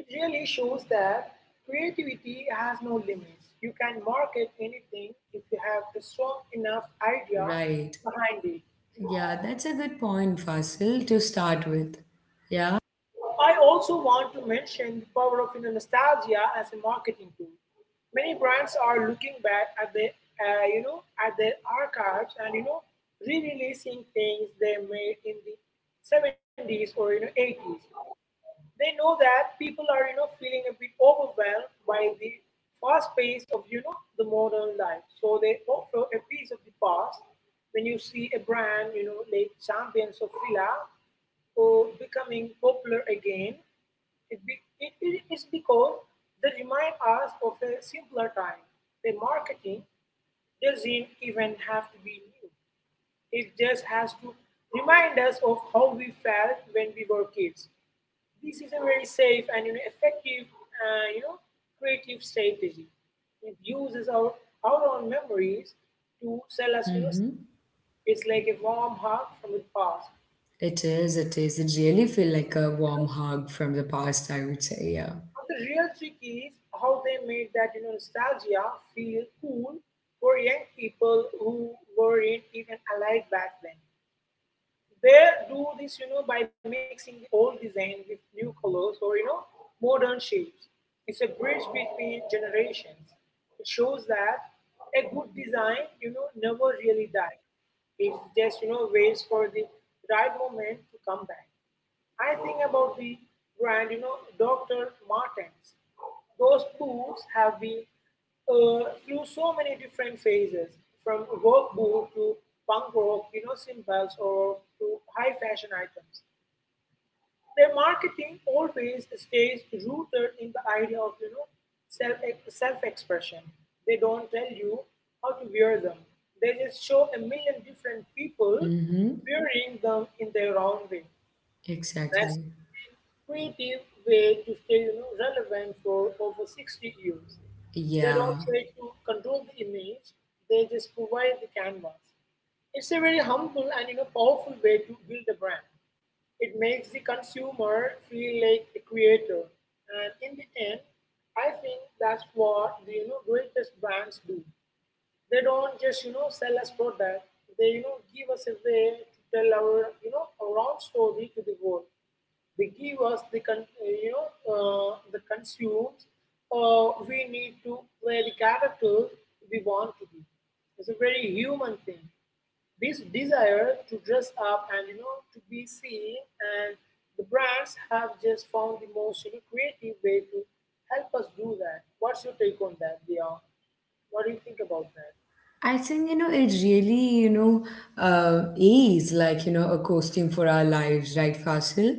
It really shows that creativity has no limits. You can market anything if you have a strong enough idea Right. behind it. Yeah, that's a good point, Fasil, to start with. Yeah? I also want to mention the power of, you know, nostalgia as a marketing tool. Many brands are looking back at the, uh, you know, at their archives and, you know re-releasing things they made in the seventies or, you know eighties. They know that people are, you know feeling a bit overwhelmed by the fast pace of, you know the modern life. So they offer a piece of the past. When you see a brand, you know like Champions of Fila, or becoming popular again, it, be, it, it is because they remind us of a simpler time. The marketing doesn't even have to be new. It just has to remind us of how we felt when we were kids. This is a very safe and, you know, effective, uh, you know, creative strategy. It uses our, our own memories to sell us, you know, Mm-hmm. it's like a warm hug from the past. It is, it is. It really feel like a warm hug from the past, I would say. Yeah. But the real trick is how they made that, you know, nostalgia feel cool for young people who weren't even alive back then. They do this, you know, by mixing old design with new colors or, you know, modern shapes. It's a bridge between generations. It shows that a good design, you know, never really dies. It just, you know, waits for the right moment to come back. I think about the brand, you know, doctor Martens. Those boots have been, uh, through so many different phases, from work boot to punk rock, you know, symbols, or to high fashion items. Their marketing always stays rooted in the idea of, you know, self self expression. They don't tell you how to wear them. They just show a million different people Mm-hmm. wearing them in their own way. That's Exactly. creative way to stay, you know, relevant for over sixty years. They Yeah. don't try to control the image, they just provide the canvas. It's a very humble and you know powerful way to build a brand. It makes the consumer feel like a creator. And in the end, I think that's what the you know greatest brands do. They don't just you know sell us product. They you know give us a way to tell our you know our own story to the world. They give us the con- uh, you know uh, the consumes uh, we need to play the character we want to be. It's a very human thing. This desire to dress up and you know to be seen, and the brands have just found the most you know, creative way to help us do that. What's your take on that, Dion? What do you think about that? I think, you know, it really, you know, uh, is like, you know, a costume for our lives, right, Fasil?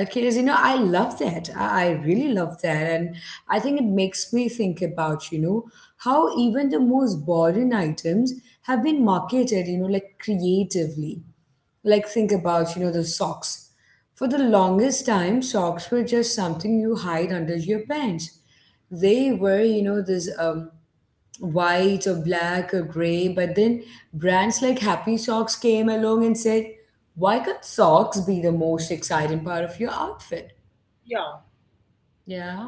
Because, you know, I love that. I, I really love that. And I think it makes me think about, you know, how even the most boring items have been marketed, you know, like, creatively. Like, think about, you know, the socks. For the longest time, socks were just something you hide under your pants. They were, you know, this. Um, white or black or gray, but then brands like Happy Socks came along and said, why can't socks be the most exciting part of your outfit? Yeah. Yeah.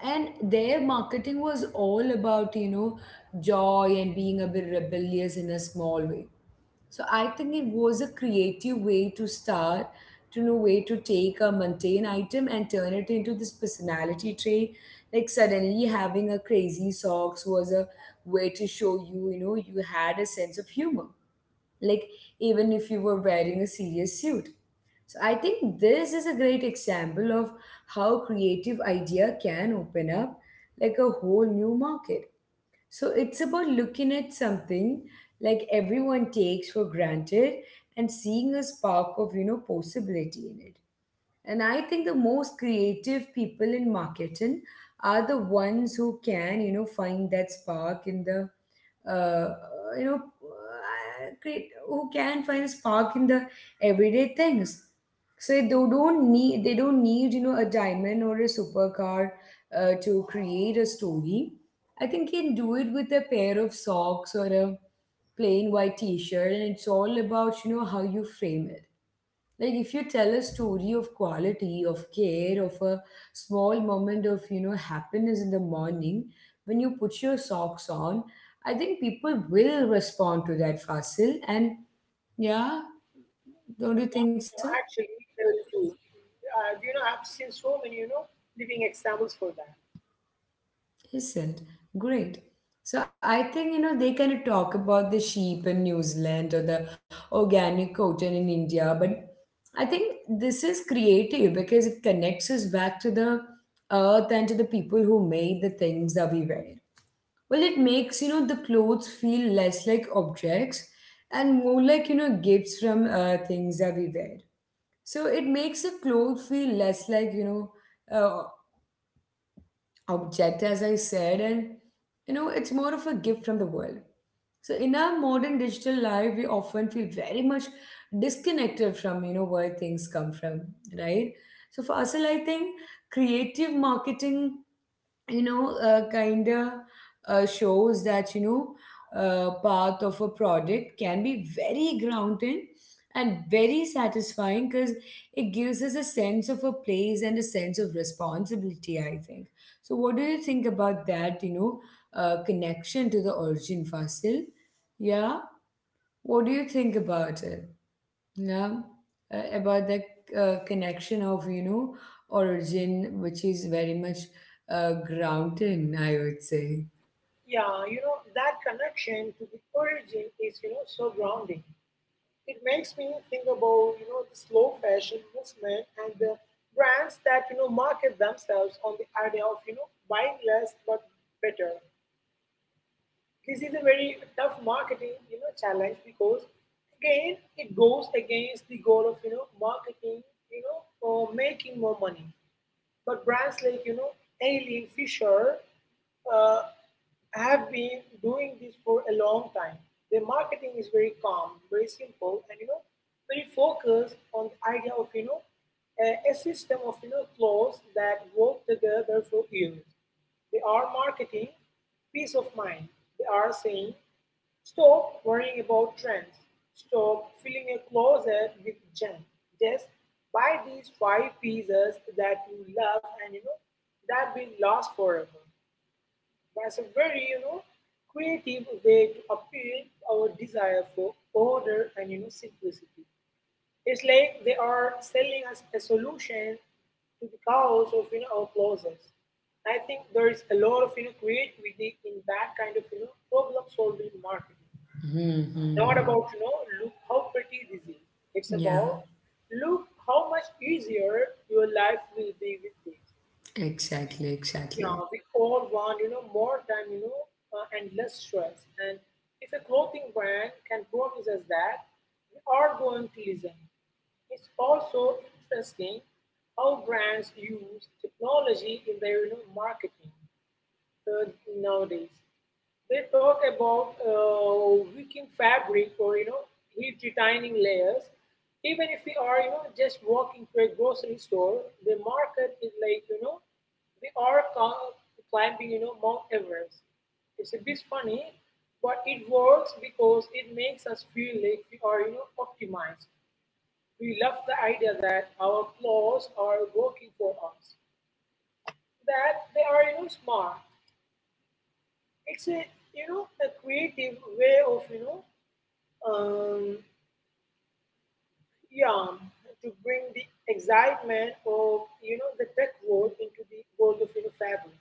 And their marketing was all about, you know, joy and being a bit rebellious in a small way. So I think it was a creative way to start, to know way to take a mundane item and turn it into this personality trait. Like, suddenly having a crazy socks was a way to show you, you know, you had a sense of humor. Like, even if you were wearing a serious suit. So I think this is a great example of how creative idea can open up like a whole new market. So it's about looking at something like everyone takes for granted and seeing a spark of, you know, possibility in it. And I think the most creative people in marketing are the ones who can, you know, find that spark in the uh, you know uh, create who can find spark in the everyday things. So they don't need they don't need, you know, a diamond or a supercar uh, to create a story. I think you can do it with a pair of socks or a plain white t-shirt, and it's all about, you know, how you frame it. Like, if you tell a story of quality, of care, of a small moment of, you know, happiness in the morning when you put your socks on, I think people will respond to that, Fasil. And yeah, know, don't you Actually, think so? uh, true. Uh, you know, I've seen so many, you know, living examples for that. Isn't great. So I think, you know, they kind of talk about the sheep in New Zealand or the organic cotton in India, but I think this is creative because it connects us back to the earth and to the people who made the things that we wear. Well, it makes, you know, the clothes feel less like objects and more like, you know, gifts from uh, things that we wear. So it makes a clothes feel less like, you know, uh, object, as I said, and, you know, it's more of a gift from the world. So in our modern digital life, we often feel very much disconnected from, you know, where things come from, right? So for us, I think creative marketing, you know, uh, kind of uh, shows that, you know, uh, path of a product can be very grounding and very satisfying, because it gives us a sense of a place and a sense of responsibility, I think. So, what do you think about that, you know, uh, connection to the origin, Fossil? Yeah, what do you think about it? Yeah, uh, about the uh, connection of, you know, origin, which is very much uh, grounded, I would say. Yeah, you know, that connection to the origin is, you know, so grounding. It makes me think about, you know, the slow fashion movement and the brands that, you know, market themselves on the idea of, you know, buying less but better. This is a very tough marketing, you know, challenge because, again, it goes against the goal of, you know, marketing, you know, or making more money. But brands like you know Eileen Fisher uh, have been doing this for a long time. Their marketing is very calm, very simple, and you know very focused on the idea of you know a, a system of you know clothes that work together for years. They are marketing peace of mind. They are saying, stop worrying about trends, stop filling your closet with junk. Just buy these five pieces that you love and you know that will last forever. That's a very you know creative way to appeal to our desire for order and you know simplicity. It's like they are selling us a solution to the chaos of you know our closets. I think there is a lot of you know creativity in that kind of you know problem solving marketing. It's not about, Hmm. you know, look how pretty this is. It's Yeah, about look how much easier your life will be with this. We, exactly, you exactly. know, we all want, you know, more time, you know, uh, and less stress. And if a clothing brand can promise us that, we are going to listen. It's also interesting how brands use technology in their you know, marketing uh, nowadays. They talk about uh, wicking fabric or you know heat retaining layers. Even if we are you know just walking to a grocery store, the market is like you know we are ca- climbing you know Mount Everest. It's a bit funny, but it works because it makes us feel like we are you know optimized. We love the idea that our clothes are working for us, that they are you know smart. It's a you know a creative way of you know um, yeah to bring the excitement of you know the tech world into the world of you know fabric.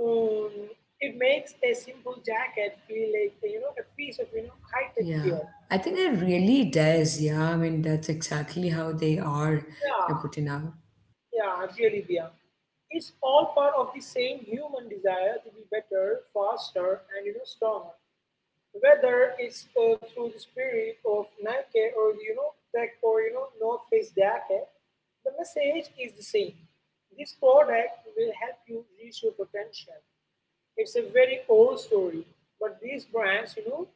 Um, it makes a simple jacket feel like you know a piece of you know high tech gear. Yeah, I think it really does. Yeah, I mean, that's exactly how they are, Yeah, you know, putting out. yeah, really, yeah. It's all part of the same human desire to be better, faster, and you know stronger. Whether it's uh, through the spirit of Nike or you know Tech or you know North Face jacket, the message is the same. This product will help you reach your potential. It's a very old story, but these brands, you know,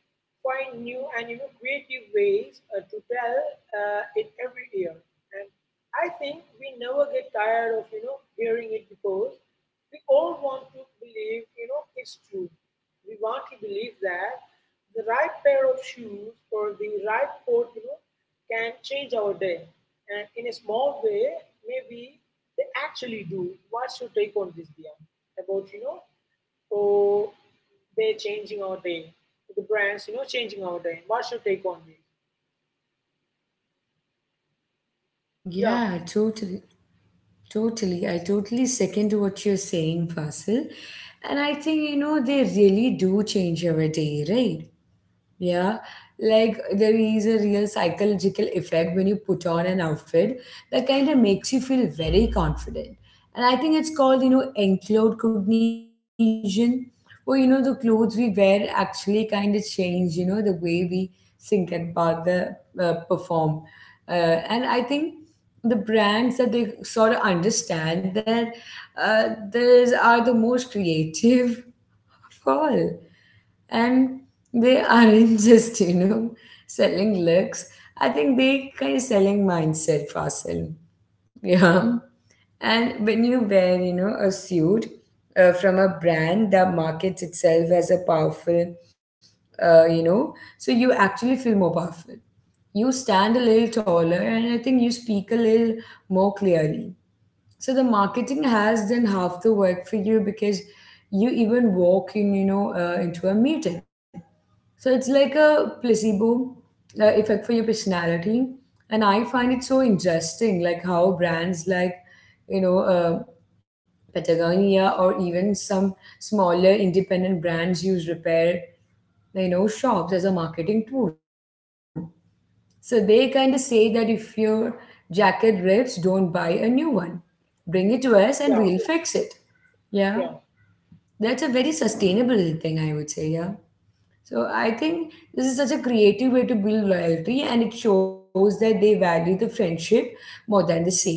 find new and you know creative ways uh, to tell uh, it every year. And I think we never get tired of you know hearing it because we all want to believe you know it's true. We want to believe that the right pair of shoes or the right coat, you know, can change our day. And in a small way, maybe they actually do. What's your take on this, Dia? About you know oh, they changing our day. The brands, you know, changing our day. What's your take on this? Yeah, Yeah, totally, totally. I totally second to what you're saying, Fasil. And I think, you know, they really do change every day, right? Yeah, like there is a real psychological effect when you put on an outfit that kind of makes you feel very confident. And I think it's called, you know, enclosed cognition, where, you know, the clothes we wear actually kind of change, you know, the way we think about the uh, perform. Uh, and I think the brands that they sort of understand that uh, these are the most creative for all, and they aren't just, you know, selling looks. I think they kind of selling mindset for yeah. And when you wear, you know, a suit uh, from a brand that markets itself as a powerful, uh, you know, so you actually feel more powerful. You stand a little taller, and I think you speak a little more clearly. So the marketing has done half the work for you because you even walk in, you know, uh, into a meeting. So it's like a placebo uh, effect for your personality. And I find it so interesting, like, how brands like, you know, uh, Patagonia or even some smaller independent brands use repair, you know, shops as a marketing tool. So they kind of say that if your jacket rips, don't buy a new one. Bring it to us yeah, and we'll fix it. Yeah. yeah, That's a very sustainable thing, I would say. Yeah. So I think this is such a creative way to build loyalty, and it shows that they value the friendship more than the sale.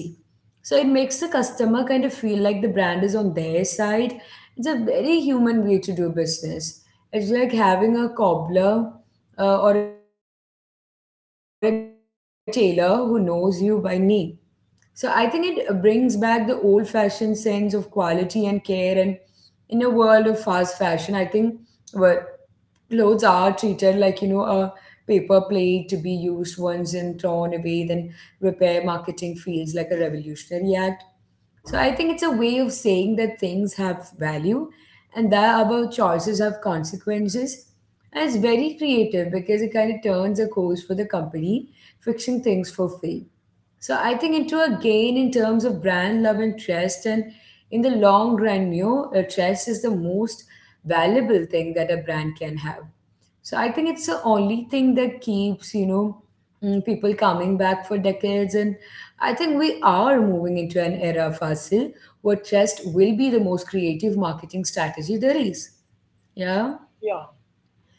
So it makes the customer kind of feel like the brand is on their side. It's a very human way to do business. It's like having a cobbler uh, or a tailor who knows you by name. So I think it uh, brings back the old fashioned sense of quality and care, and in a world of fast fashion, I think clothes are treated like, you know, a paper plate, to be used once and thrown away. Then repair marketing feels like a revolutionary act. So I think it's a way of saying that things have value and that our choices have consequences. And it's very creative because it kind of turns a course for the company, fixing things for free, so I think, into a gain in terms of brand love and trust. And in the long run, you know, uh, trust is the most valuable thing that a brand can have. So I think it's the only thing that keeps, you know, mm, people coming back for decades. And I think we are moving into an era, Fasil, where trust will be the most creative marketing strategy there is. Yeah. yeah,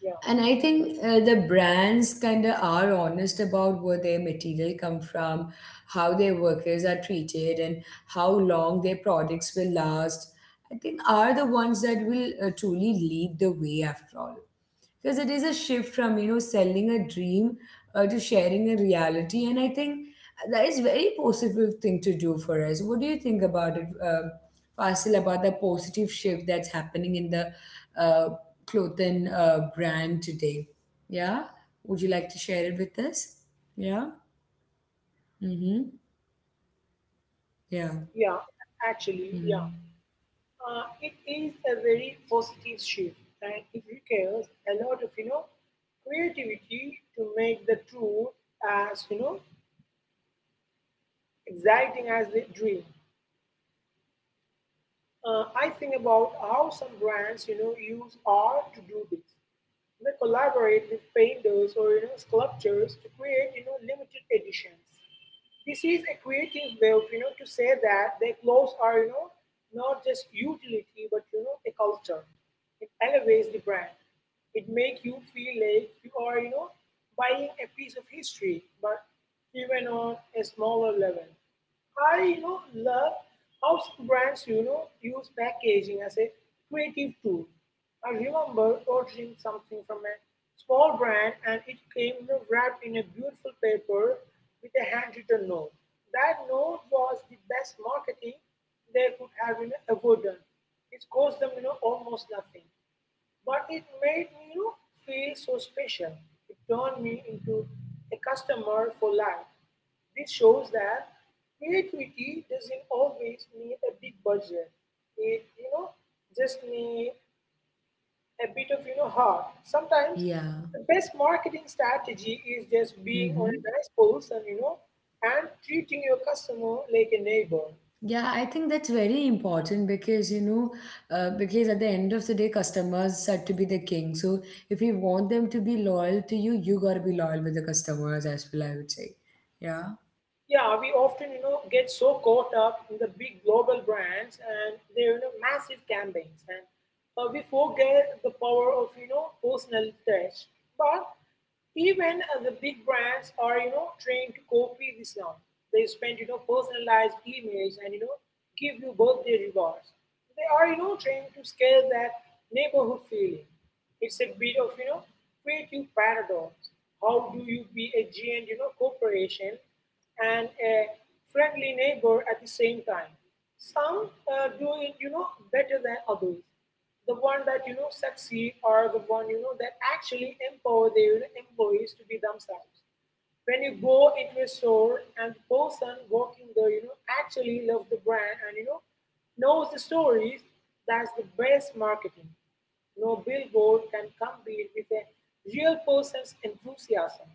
yeah, And I think uh, the brands kind of are honest about where their material come from, how their workers are treated, and how long their products will last. I think are the ones that will uh, truly lead the way after all, because it is a shift from, you know, selling a dream uh, to sharing a reality. And I think that is very positive thing to do for us. What do you think about it, uh, Fasil, about the positive shift that's happening in the uh, clothing uh, brand today? Yeah, would you like to share it with us? Yeah. Mm-hmm. Yeah. yeah. Actually, yeah. Mm-hmm. Uh, it is a very positive shift and it requires a lot of, you know, creativity to make the truth as, you know, exciting as the dream. Uh, I think about how some brands, you know, use art to do this. They collaborate with painters or you know sculptures to create you know limited editions. This is a creative way of you know to say that their clothes are you know not just utility but you know a culture. It elevates the brand. It makes you feel like you are you know buying a piece of history, but even on a smaller level. I you know love how some brands you know use packaging as a creative tool. I remember ordering something from a small brand and it came you know, wrapped in a beautiful paper with a handwritten note. That note was the best marketing they could have you know, ever done. It cost them you know almost nothing. But it made me you know, feel so special. It turned me into a customer for life. This shows that creativity doesn't always need a big budget. It you know just need a bit of you know heart. Sometimes Yeah. the best marketing strategy is just being on Mm-hmm. a nice person, you know, and treating your customer like a neighbor. Yeah, I think that's very important, because, you know, uh, because at the end of the day, customers are to be the king. So if you want them to be loyal to you, you gotta be loyal with the customers as well, I would say. Yeah. Yeah, we often, you know, get so caught up in the big global brands and their, you know, massive campaigns, and uh, we forget the power of, you know, personal touch. But even uh, the big brands are, you know, trained to copy this now. They spend, you know, personalized emails and, you know, give you birthday rewards. They are, you know, trained to scale that neighborhood feeling. It's a bit of, you know, creative paradox. How do you be a giant, you know, corporation and a friendly neighbor at the same time? Some uh, do it, you know, better than others. The one that you know succeed are the one you know that actually empower their employees to be themselves. When you go into a store and the person working there, you know, actually loves the brand and you know knows the stories, that's the best marketing. No billboard can compete with a real person's enthusiasm.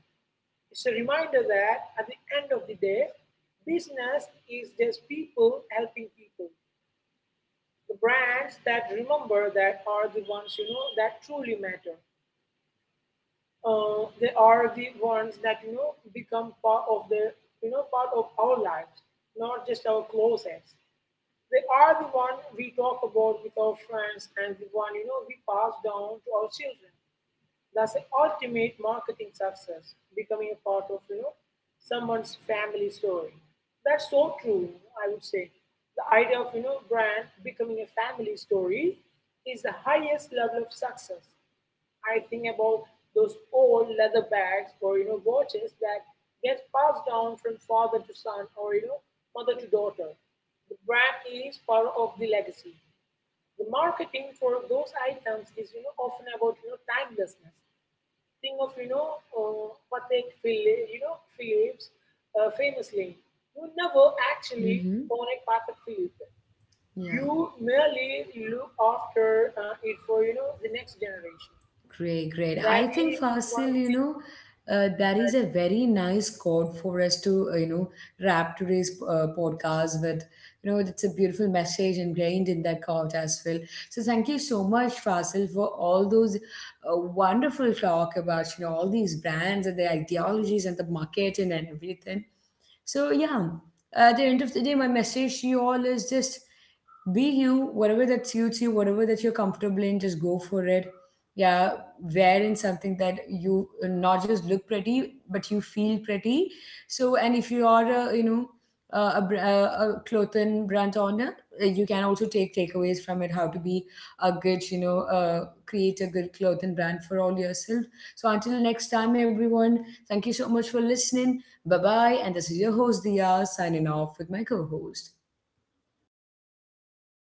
It's a reminder that at the end of the day, business is just people helping people. The brands that remember that are the ones you know that truly matter. Uh, they are the ones that you know become part of the you know part of our lives, not just our closets. They are the one we talk about with our friends and the one you know we pass down to our children. That's the ultimate marketing success, becoming a part of you know someone's family story. That's so true. I would say the idea of you know brand becoming a family story is the highest level of success. I think about those old leather bags or you know watches that get passed down from father to son or you know mother to daughter. The brand is part of the legacy. The marketing for those items is you know often about you know timelessness. Think of you know uh, Patek Philippe, you know Phillips, uh, famously, you never actually Mm-hmm. own a Patek Philippe. Yeah. You merely look after uh, it for you know the next generation. Great, great. That I is think, one Fasil, of you the know, uh, that is a very nice chord for us to, uh, you know, wrap today's uh, podcast with. You know, it's a beautiful message ingrained in that chord as well. So thank you so much, Fasil, for all those uh, wonderful talk about, you know, all these brands and the ideologies and the marketing and everything. So yeah, at the end of the day, my message to you all is just, be you, whatever that suits you, whatever that you're comfortable in, just go for it. Yeah, wear in something that you uh, not just look pretty, but you feel pretty. So, and if you are, a, you know, a, a, br- a a clothing brand owner, uh, you can also take takeaways from it, how to be a good, you know, uh, create a good clothing brand for all yourself. So until next time, everyone, thank you so much for listening. Bye bye, and this is your host Dia signing off with my co host.